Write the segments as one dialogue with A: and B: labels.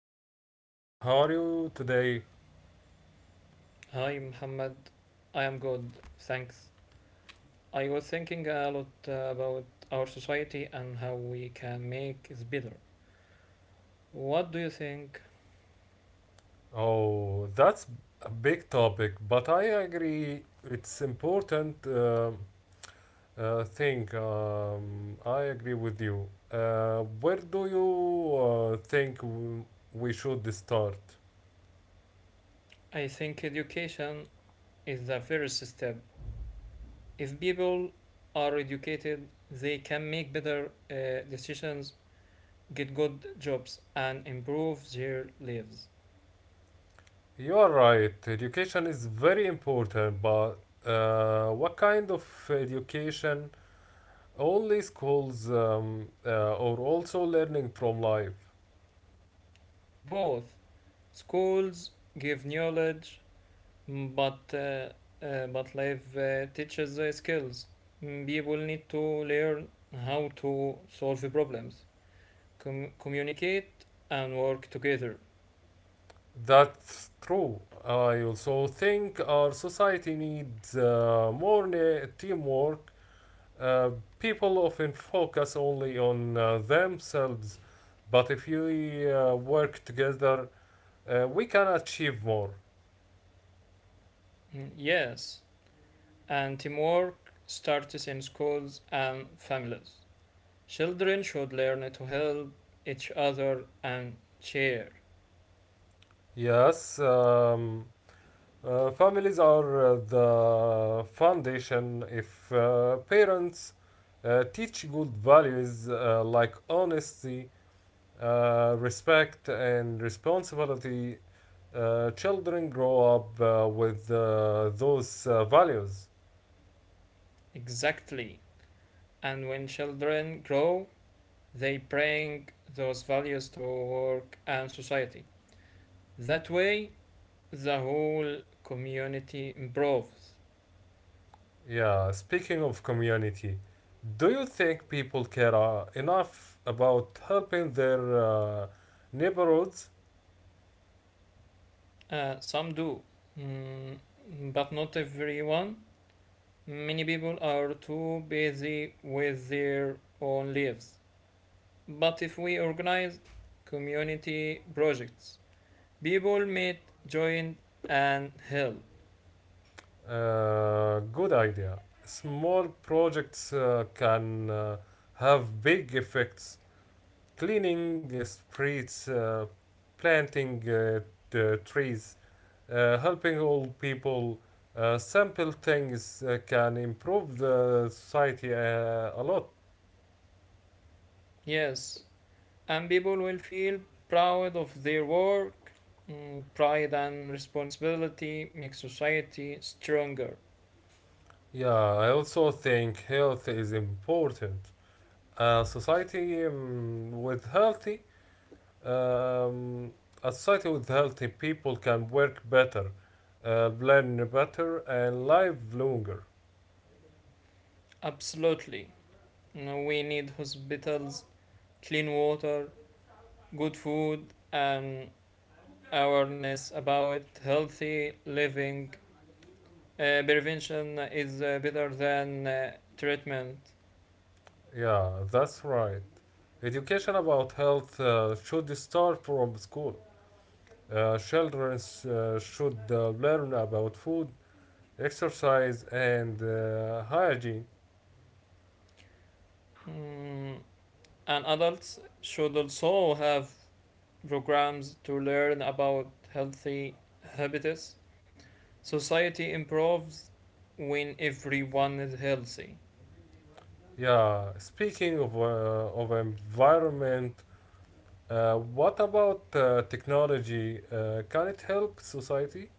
A: Hi Khalid. How are you today?
B: Hi, Muhammad. I am good, thanks. I was thinking a lot about our society and how we can make it better. What do you think?
A: Oh, that's a big topic, but I agree it's important thing. I agree with you. Where do you think we should start?
B: I think education is the first step. If people are educated, they can make better decisions, get good jobs, and improve their lives.
A: You are right. Education is very important, but what kind of education? Only schools or also learning from life.
B: Both schools give knowledge. Mm, But uh, but life teaches skills. Mm, People need to learn how to solve problems, communicate, and work together.
A: That's true. I also think our society needs more teamwork. Uh, people often focus only on themselves, but if we work together, we can achieve more.
B: Mm, Yes, and teamwork starts in schools and families. Children should learn to help each other and share.
A: Yes, families are the foundation. If parents teach good values like honesty, respect and responsibility, children grow up with those values.
B: Exactly. And when children grow, they bring those values to work and society. That way, the whole community improves.
A: Yeah, speaking of community, do you think people care enough about helping their neighborhoods?
B: Some do, mm, but not everyone. Many people are too busy with their own lives. But if we organize community projects, people may join and help.
A: Good idea. Small projects can have big effects. Cleaning streets, planting trees, Helping old people sample things can improve the society a lot.
B: Yes, and people will feel proud of their work. Mm, Pride and responsibility make society stronger.
A: Yeah, I also think health is important. A society um, with healthy, um, a society with healthy people can work better, learn better, and live longer.
B: Absolutely. No, we need hospitals, clean water, good food, and awareness about healthy living. Prevention is better than treatment.
A: Yeah, that's right. Education about health should start from school. Children should learn about food, exercise, and hygiene.
B: Mm, and adults should also have programs to learn about healthy habits. Society improves when everyone is healthy.
A: Yeah, speaking of environment, what about technology? Can it help society?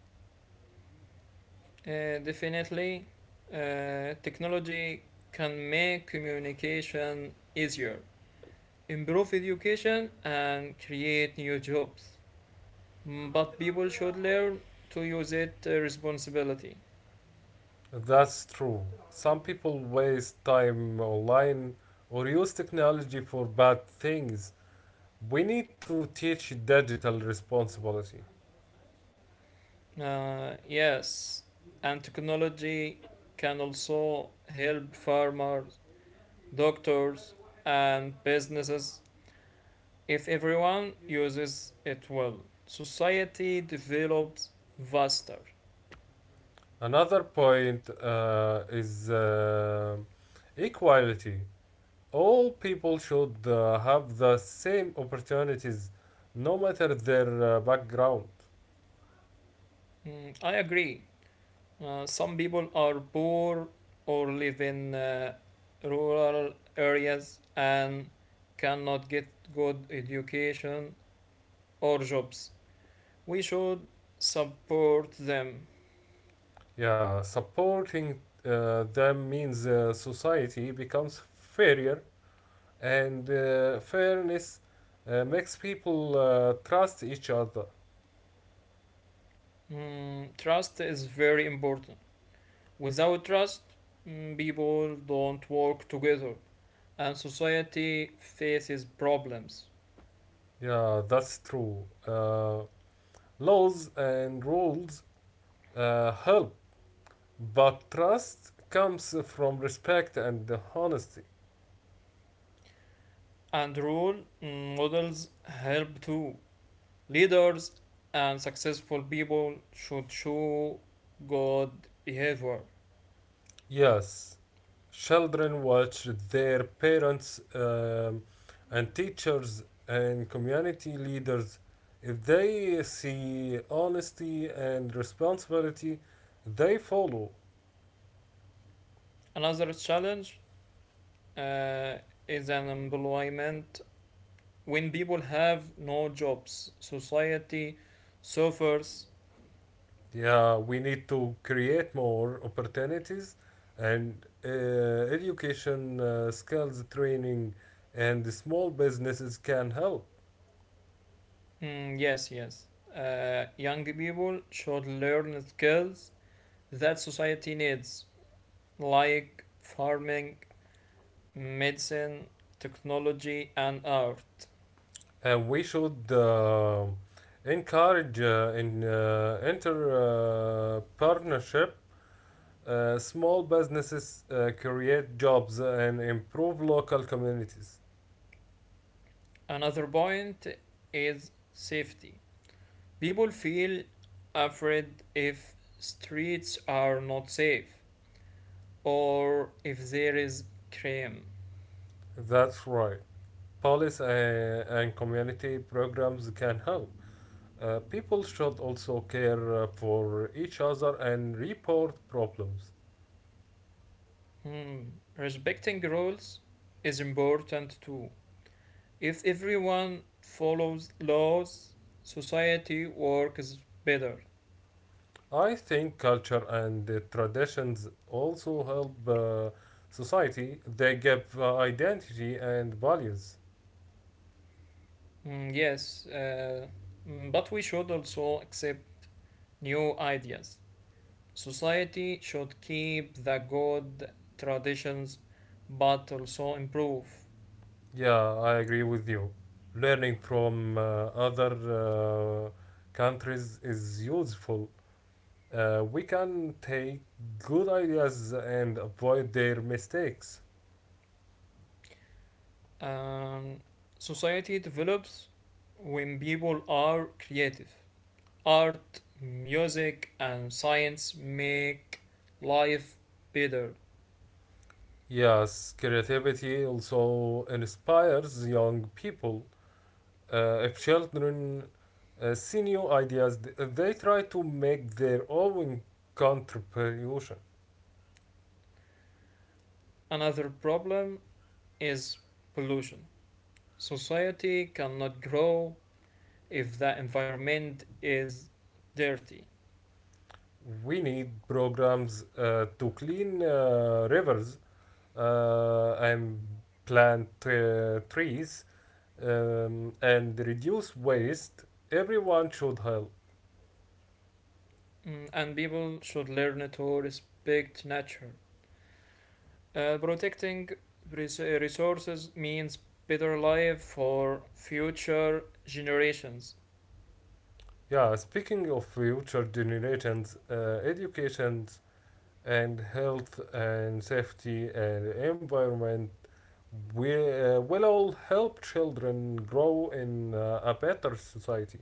B: Definitely, technology can make communication easier, improve education, and create new jobs. Mm, But people should learn to use it responsibility.
A: That's true. Some people waste time online or use technology for bad things. We need to teach digital responsibility.
B: Yes, and technology can also help farmers, doctors, and businesses if everyone uses it well. Society develops faster.
A: Another point is equality. All people should have the same opportunities no matter their background.
B: Mm, I agree. Some people are poor or live in rural areas and cannot get good education or jobs. We should support them.
A: Yeah, supporting them means society becomes fairer and fairness makes people trust each other.
B: Mm, trust is very important. Without trust, people don't work together and society faces problems.
A: Yeah, that's true. Laws and rules help, but trust comes from respect and honesty.
B: And role mm, models help too. Leaders and successful people should show good behavior.
A: Yes, children watch their parents and teachers and community leaders. If they see honesty and responsibility, they follow.
B: Another challenge uh, is unemployment. When people have no jobs, society suffers.
A: Yeah, we need to create more opportunities and education skills training and the small businesses can help.
B: Mm, yes, yes. Young people should learn skills that society needs, like farming, medicine, technology, and art.
A: And we should encourage in inter partnership. Small businesses create jobs and improve local communities.
B: Another point is safety. People feel afraid if streets are not safe or if there is crime.
A: That's right. Police and community programs can help. People should also care for each other and report problems.
B: Hmm. Respecting rules is important too. If everyone follows laws, society works better.
A: I think culture and traditions also help society. They give identity and values.
B: Hmm, yes, but we should also accept new ideas. Society should keep the good traditions but also improve.
A: Yeah, I agree with you. Learning from other countries is useful. We can take good ideas and avoid their mistakes.
B: Um, society develops when people are creative. Art, music, and science make life better.
A: Yes, creativity also inspires young people. If children see new ideas, they try to make their own contribution.
B: Another problem is pollution. Society cannot grow if the environment is dirty.
A: We need programs to clean rivers and plant trees and reduce waste, everyone should help.
B: Mm, and people should learn to respect nature. Protecting resources means better life for future generations.
A: Yeah, speaking of future generations, education and health and safety and environment will all help children grow in a better society.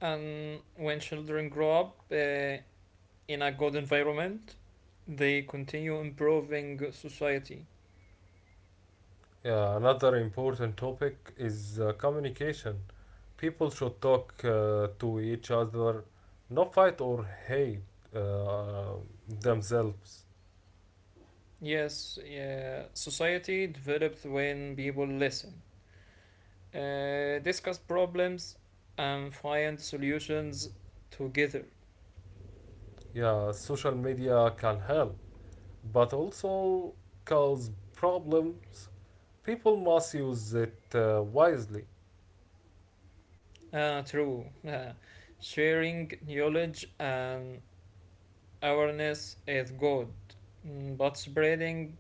B: And when children grow up in a good environment, they continue improving society.
A: Yeah, another important topic is communication. People should talk to each other, not fight or hate uh, themselves.
B: Yes, yeah, society develops when people listen, discuss problems, and find solutions together.
A: Yeah, social media can help, but also cause problems. People must use it wisely.
B: Ah, true. Ah, sharing knowledge and awareness is good, but spreading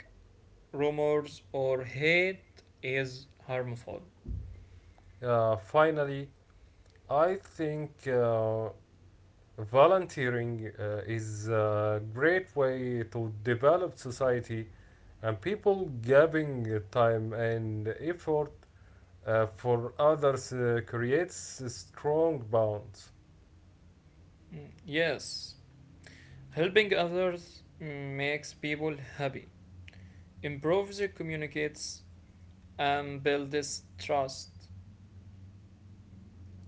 B: rumors or hate is harmful.
A: Finally, I think volunteering is a great way to develop society and people giving time and effort for others creates a strong bonds.
B: Mm, Yes, helping others makes people happy, improves communicates, and builds trust.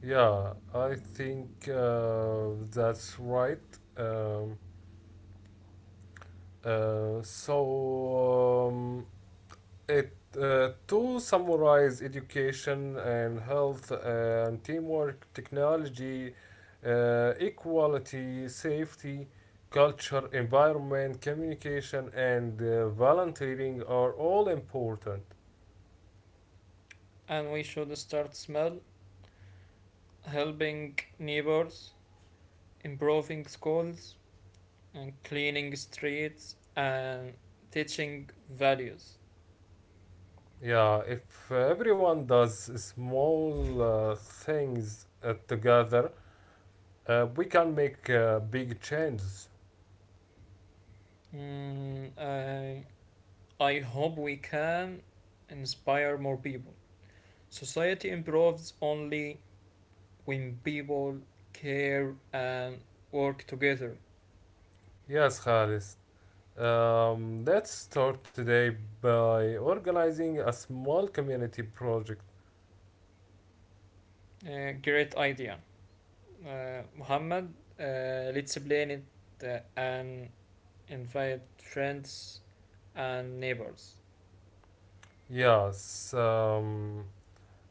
A: Yeah, I think that's right. Um, so It to summarize, education and health and teamwork, technology, equality, safety, culture, environment, communication, and volunteering are all important.
B: And we should start small, helping neighbors, improving schools, and cleaning streets, and teaching values.
A: Yeah, if everyone does small things together, we can make big changes.
B: Mm, I hope we can inspire more people. Society improves only when people care and work together.
A: Yes, Khalis. Let's start today by organizing a small community project.
B: Great idea. Muhammad, let's plan it and invite friends and neighbors.
A: Yes, um,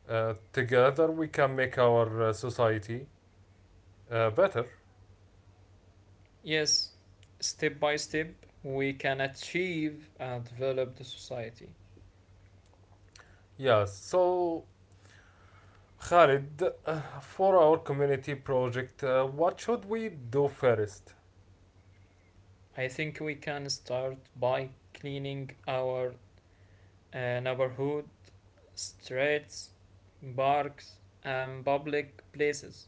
A: uh, together we can make our society better.
B: Yes, step by step, we can achieve and develop the society.
A: Yes, so Khalid, for our community project, what should we do first?
B: I think we can start by cleaning our neighborhood, streets, parks, and public places.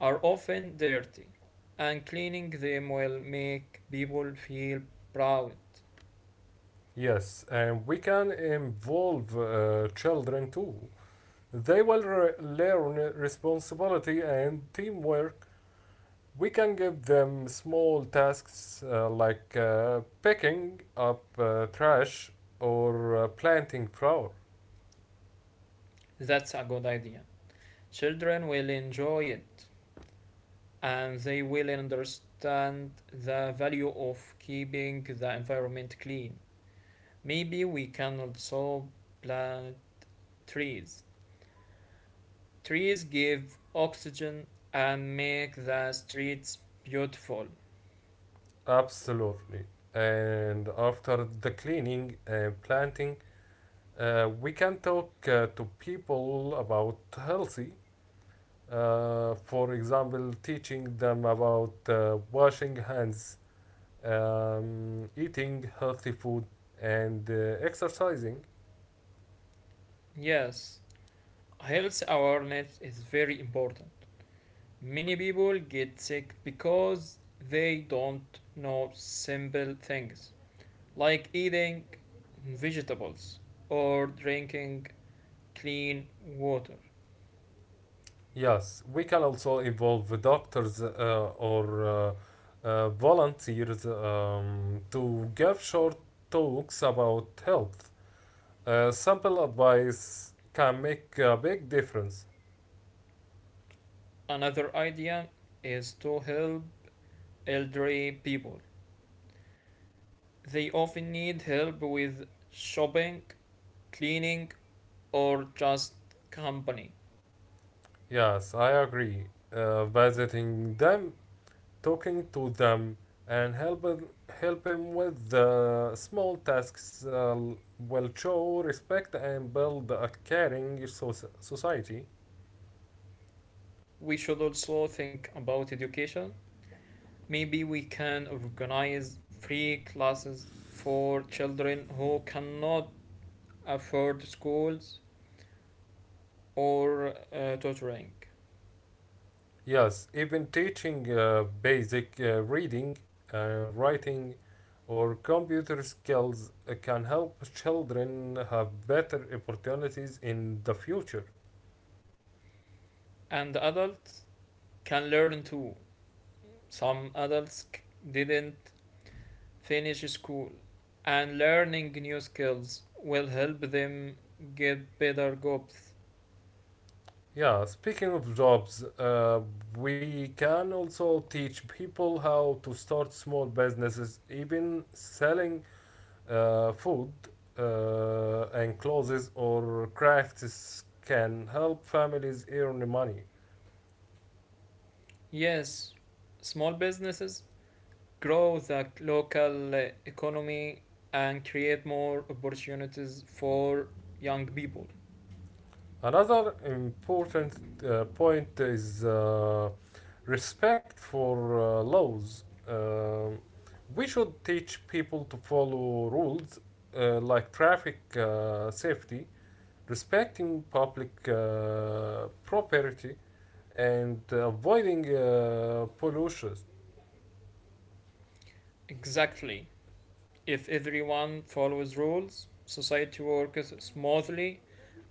B: Are often dirty, and cleaning them will make people feel proud.
A: Yes, and we can involve children too. They will learn responsibility and teamwork. We can give them small tasks like picking up trash or planting flower.
B: That's a good idea. Children will enjoy it and they will understand the value of keeping the environment clean. Maybe we can also plant trees. Trees give oxygen and make the streets beautiful.
A: Absolutely. And after the cleaning and planting, we can talk to people about healthy. For example, teaching them about washing hands, eating healthy food, and exercising.
B: Yes, health awareness is very important. Many people get sick because they don't know simple things like eating vegetables or drinking clean water.
A: Yes, we can also involve the doctors or volunteers to give short talks about health. Simple advice can make a big difference.
B: Another idea is to help elderly people. They often need help with shopping, cleaning, or just company.
A: Yes, I agree. Visiting them, talking to them, and helping with the small tasks will show respect and build a caring society.
B: We should also think about education. Maybe we can organize free classes for children who cannot afford schools or tutoring.
A: Yes, even teaching basic reading, writing, or computer skills can help children have better opportunities in the future.
B: And adults can learn too. Some adults didn't finish school, and learning new skills will help them get better jobs.
A: Yeah, speaking of jobs, we can also teach people how to start small businesses, even selling food and clothes or crafts can help families earn money.
B: Yes, small businesses grow the local economy and create more opportunities for young people.
A: Another important point is respect for laws. We should teach people to follow rules like traffic safety, respecting public property, and avoiding pollution.
B: Exactly. If everyone follows rules, society works smoothly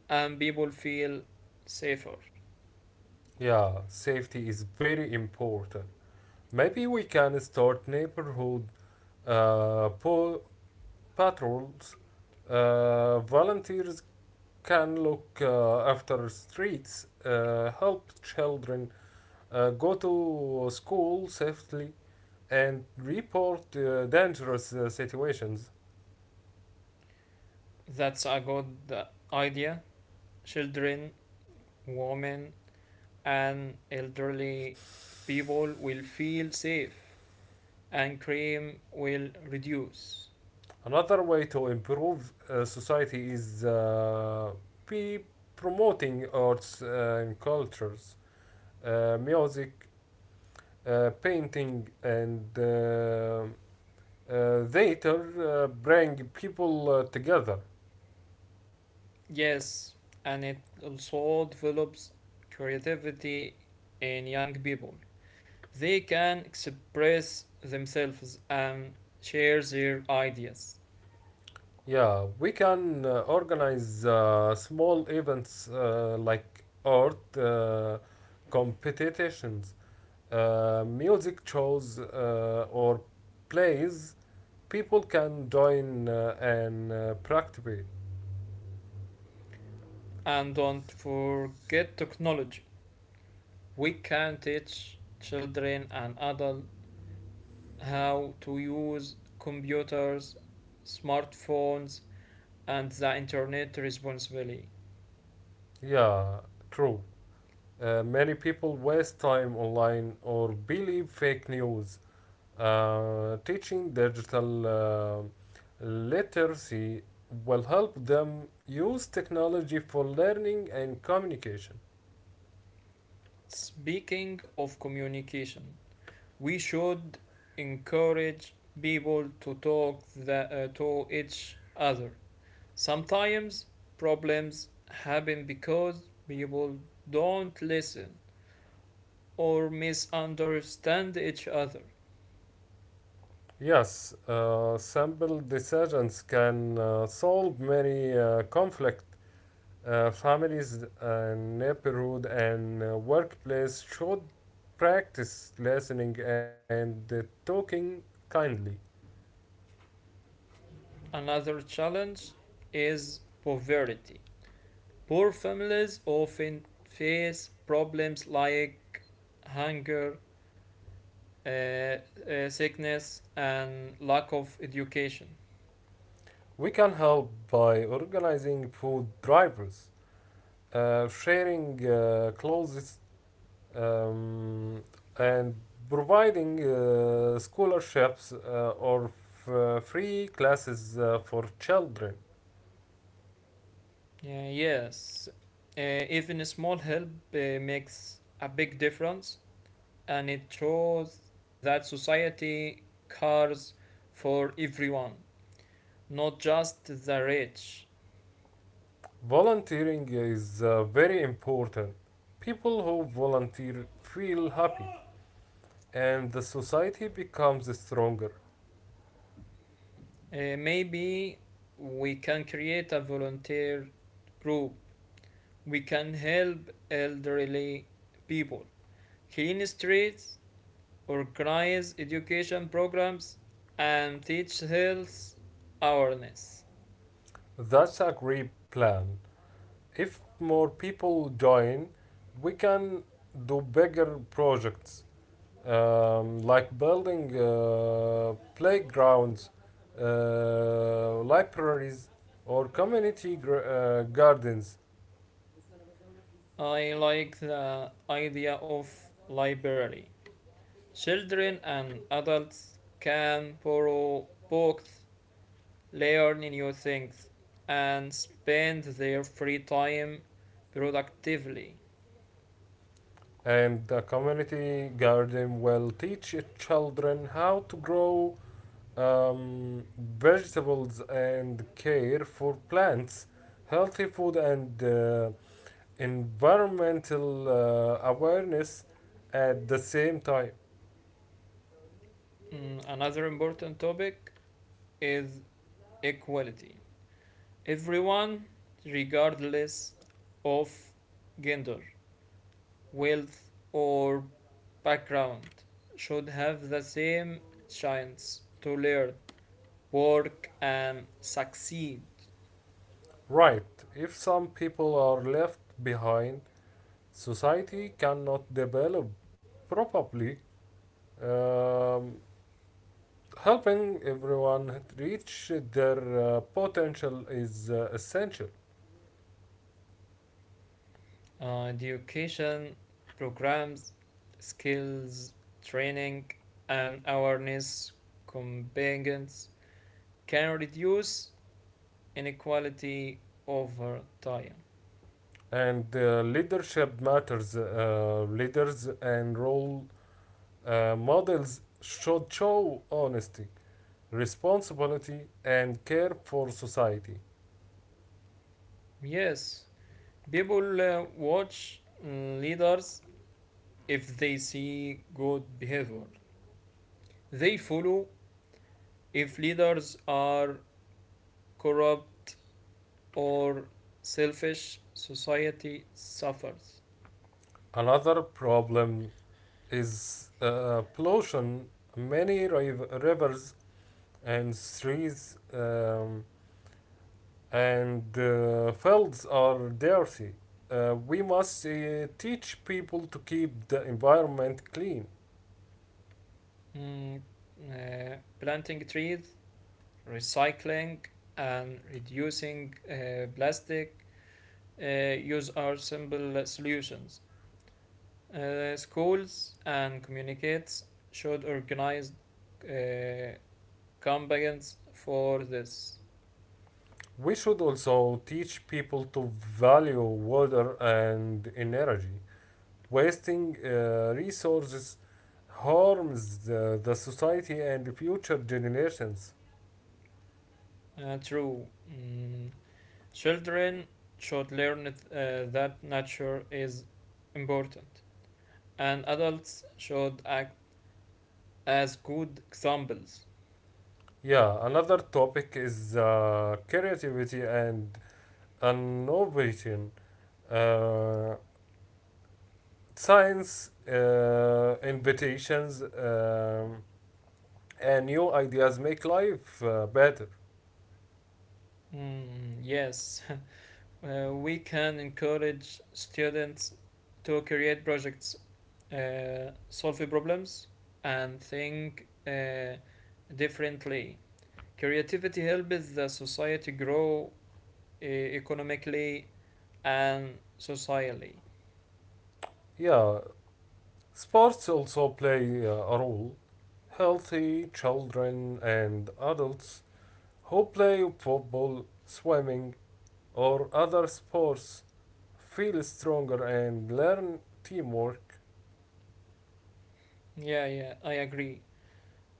B: and people feel safer.
A: Yeah, safety is very important. Maybe we can start neighborhood uh, po- patrols. Volunteers can look after streets, help children go to school safely, and report dangerous situations.
B: That's a good idea. Children, women, and elderly people will feel safe, and crime will reduce.
A: Another way to improve society is be promoting arts and cultures, music, painting, and theater bring people together.
B: Yes, and it also develops creativity in young people. They can express themselves and share their ideas.
A: Yeah, we can organize small events like art competitions, music shows, or plays. People can join and practice.
B: And don't forget technology. We can teach children and adults how to use computers, smartphones, and the internet responsibly.
A: Yeah, true. Many people waste time online or believe fake news. Teaching digital literacy will help them use technology for learning and communication.
B: Speaking of communication, we should encourage people to talk to each other. Sometimes problems happen because people don't listen or misunderstand each other.
A: Yes, simple decisions can solve many conflict. Families and neighborhood and workplace should practice listening and talking kindly.
B: Another challenge is poverty. Poor families often face problems like hunger, uh, sickness, and lack of education.
A: We can help by organizing food drivers, sharing clothes um, and providing scholarships or free classes for children.
B: Yes, even a small help makes a big difference, and it shows that society cares for everyone, not just the rich.
A: Volunteering is very important. People who volunteer feel happy and the society becomes stronger.
B: Maybe we can create a volunteer group. We can help elderly people, clean streets, organize education programs, and teach health awareness.
A: That's a great plan. If more people join, we can do bigger projects, like building playgrounds, libraries, or community gardens.
B: I like the idea of library. Children and adults can borrow books, learn new things, and spend their free time productively.
A: And the community garden will teach children how to grow vegetables and care for plants, healthy food, and environmental awareness at the same time.
B: Mm, Another important topic is equality. Everyone, regardless of gender, wealth, or background, should have the same chance to learn work and succeed.
A: Right, if some people are left behind, society cannot develop properly. Um, helping everyone reach their potential is essential.
B: Education programs, skills, training, and awareness competence can reduce inequality over time.
A: And leadership matters. Leaders and role models should show honesty, responsibility, and care for society.
B: Yes, people watch leaders if they see good behavior. They follow if leaders are corrupt or selfish, society suffers.
A: Another problem is pollution. Many rivers and streets and fields are dirty. We must teach people to keep the environment clean.
B: Mm, planting trees, recycling, and reducing plastic use are simple solutions. Schools and communities should organize uh, campaigns for this.
A: We should also teach people to value water and energy. Wasting resources harms the society and future generations.
B: True. Mm, children should learn that nature is important, and adults should act as good examples.
A: Yeah, another topic is creativity and innovation. Uh, Science invitations, and new ideas make life better.
B: Mm, yes. We can encourage students to create projects, solve problems, and think differently. Creativity helps the society grow economically and socially.
A: Yeah, sports also play a role. Healthy children and adults who play football, swimming, or other sports feel stronger and learn teamwork.
B: Yeah, yeah, I agree.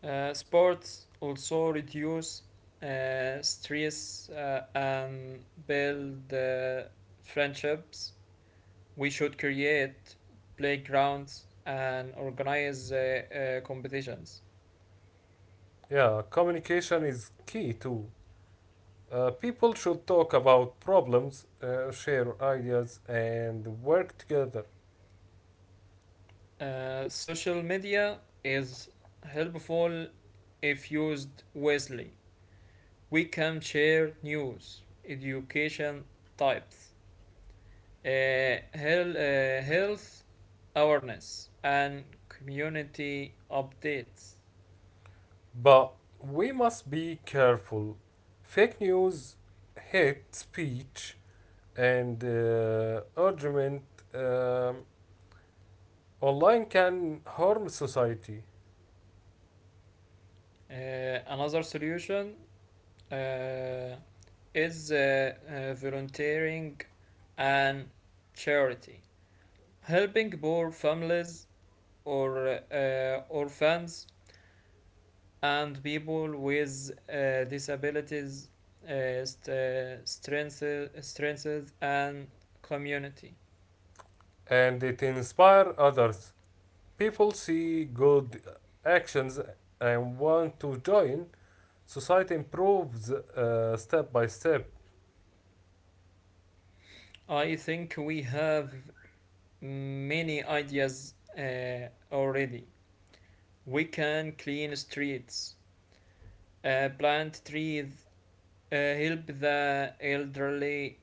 B: Sports also reduce stress and build friendships. We should create playgrounds and organize competitions.
A: Yeah, communication is key too. People should talk about problems, share ideas, and work together.
B: Social media is helpful if used wisely. We can share news, education types, uh, health awareness, and community updates.
A: But we must be careful. Fake news, hate speech, and argument um, online can harm society
B: Another solution Uh, is volunteering and charity, helping poor families or orphans and people with disabilities, strengthens and community.
A: and it inspire others. People see good actions and want to join. Society improves step by step.
B: I think we have many ideas already. We can clean streets, plant trees, help the elderly,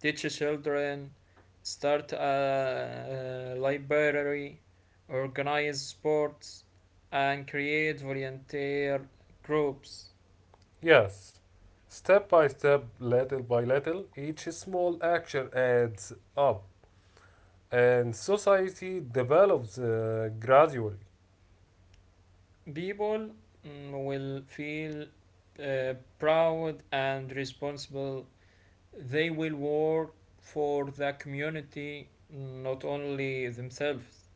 B: teach children, start a library, organize sports, and create volunteer groups.
A: Yes, step by step, little by little, each small action adds up. And society develops gradually.
B: People mm, will feel uh, proud and responsible. They will work for the community, mm, not only themselves.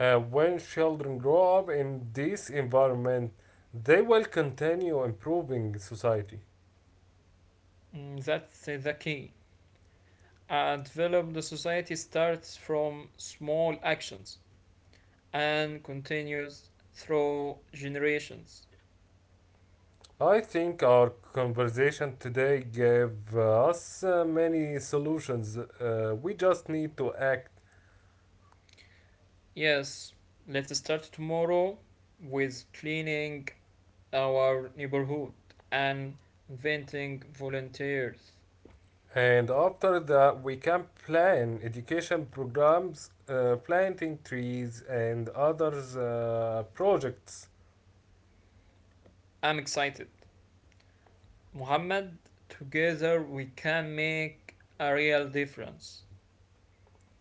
A: When children grow up in this environment, they will continue improving society.
B: Mm, That's the key. And develop the society starts from small actions and continues through generations.
A: I think our conversation today gave us many solutions. We just need to act.
B: Yes, let's start tomorrow with cleaning our neighborhood and inventing volunteers.
A: And after that, we can plan education programs, planting trees, and other projects.
B: I'm excited. Muhammad, together we can make a real difference.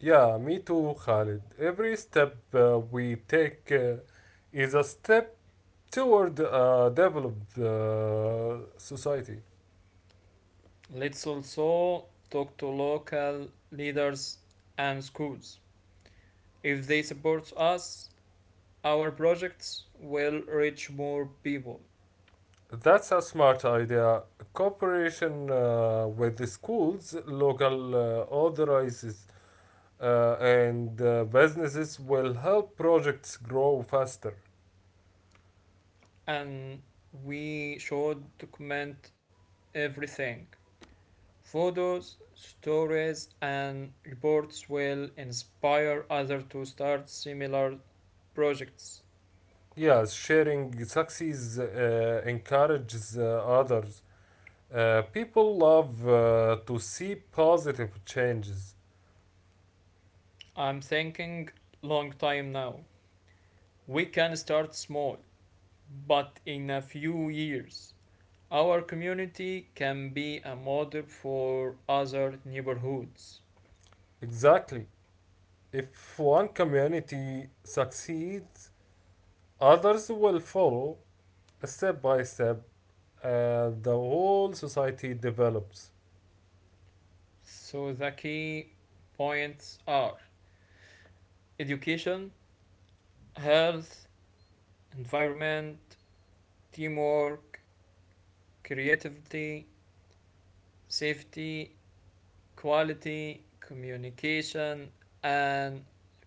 A: Yeah, me too, Khalid. Every step we take is a step toward a developed society.
B: Let's also talk to local leaders and schools. If they support us, our projects will reach more people
A: That's a smart idea. Cooperation with the schools, local authorities, and businesses will help projects grow faster.
B: and we should document everything. Photos, stories, and reports will inspire others to start similar projects.
A: Yes, sharing success encourages others. People love to see positive changes.
B: I'm thinking long time now. We can start small, but in a few years, our community can be a model for other neighborhoods.
A: Exactly. If one community succeeds, others will follow step by step, and the whole society develops.
B: So the key points are education, health, environment, teamwork, creativity, safety, quality, communication, and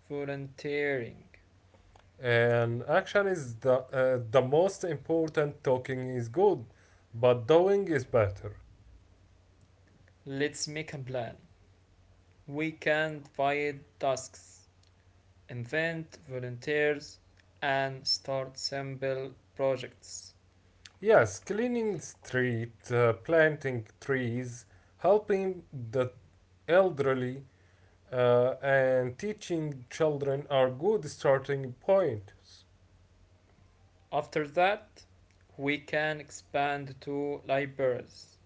B: volunteering.
A: And action is the most important. Talking is good, but doing is better.
B: Let's make a plan. We can divide tasks, invent volunteers, and start simple projects.
A: Yes, cleaning street, planting trees, helping the elderly, and teaching children are good starting points.
B: After that, we can expand to libraries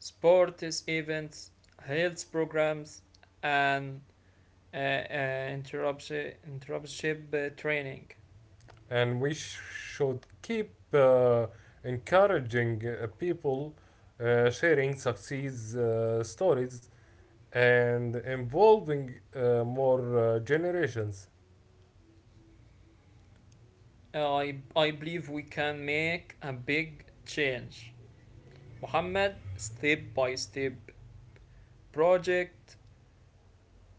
B: sports events, health programs, and interruption interruption training.
A: And should keep encouraging people sharing success stories and involving more generations.
B: I believe we can make a big change. Mohammed, step by step, project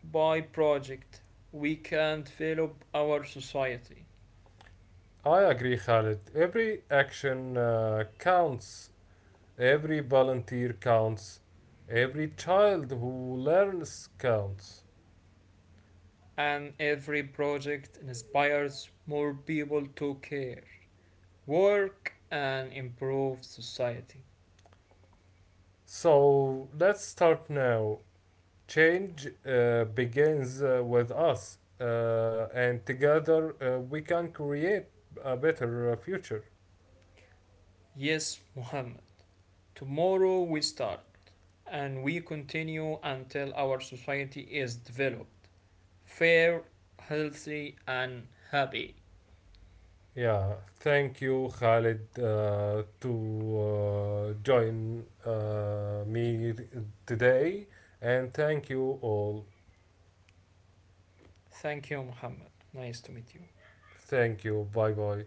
B: by project, we can develop our society,
A: I agree, Khalid. Every action counts, every volunteer counts, every child who learns counts.
B: and every project inspires more people to care, work, and improve society.
A: So let's start now. Change begins with us, and together we can create a better future.
B: Yes, Muhammad. Tomorrow we start, and we continue until our society is developed, fair, healthy, and happy.
A: Yeah, thank you, Khalid, to join me today, and thank you all.
B: Thank you, Muhammad. Nice to meet you.
A: Thank you. Bye bye.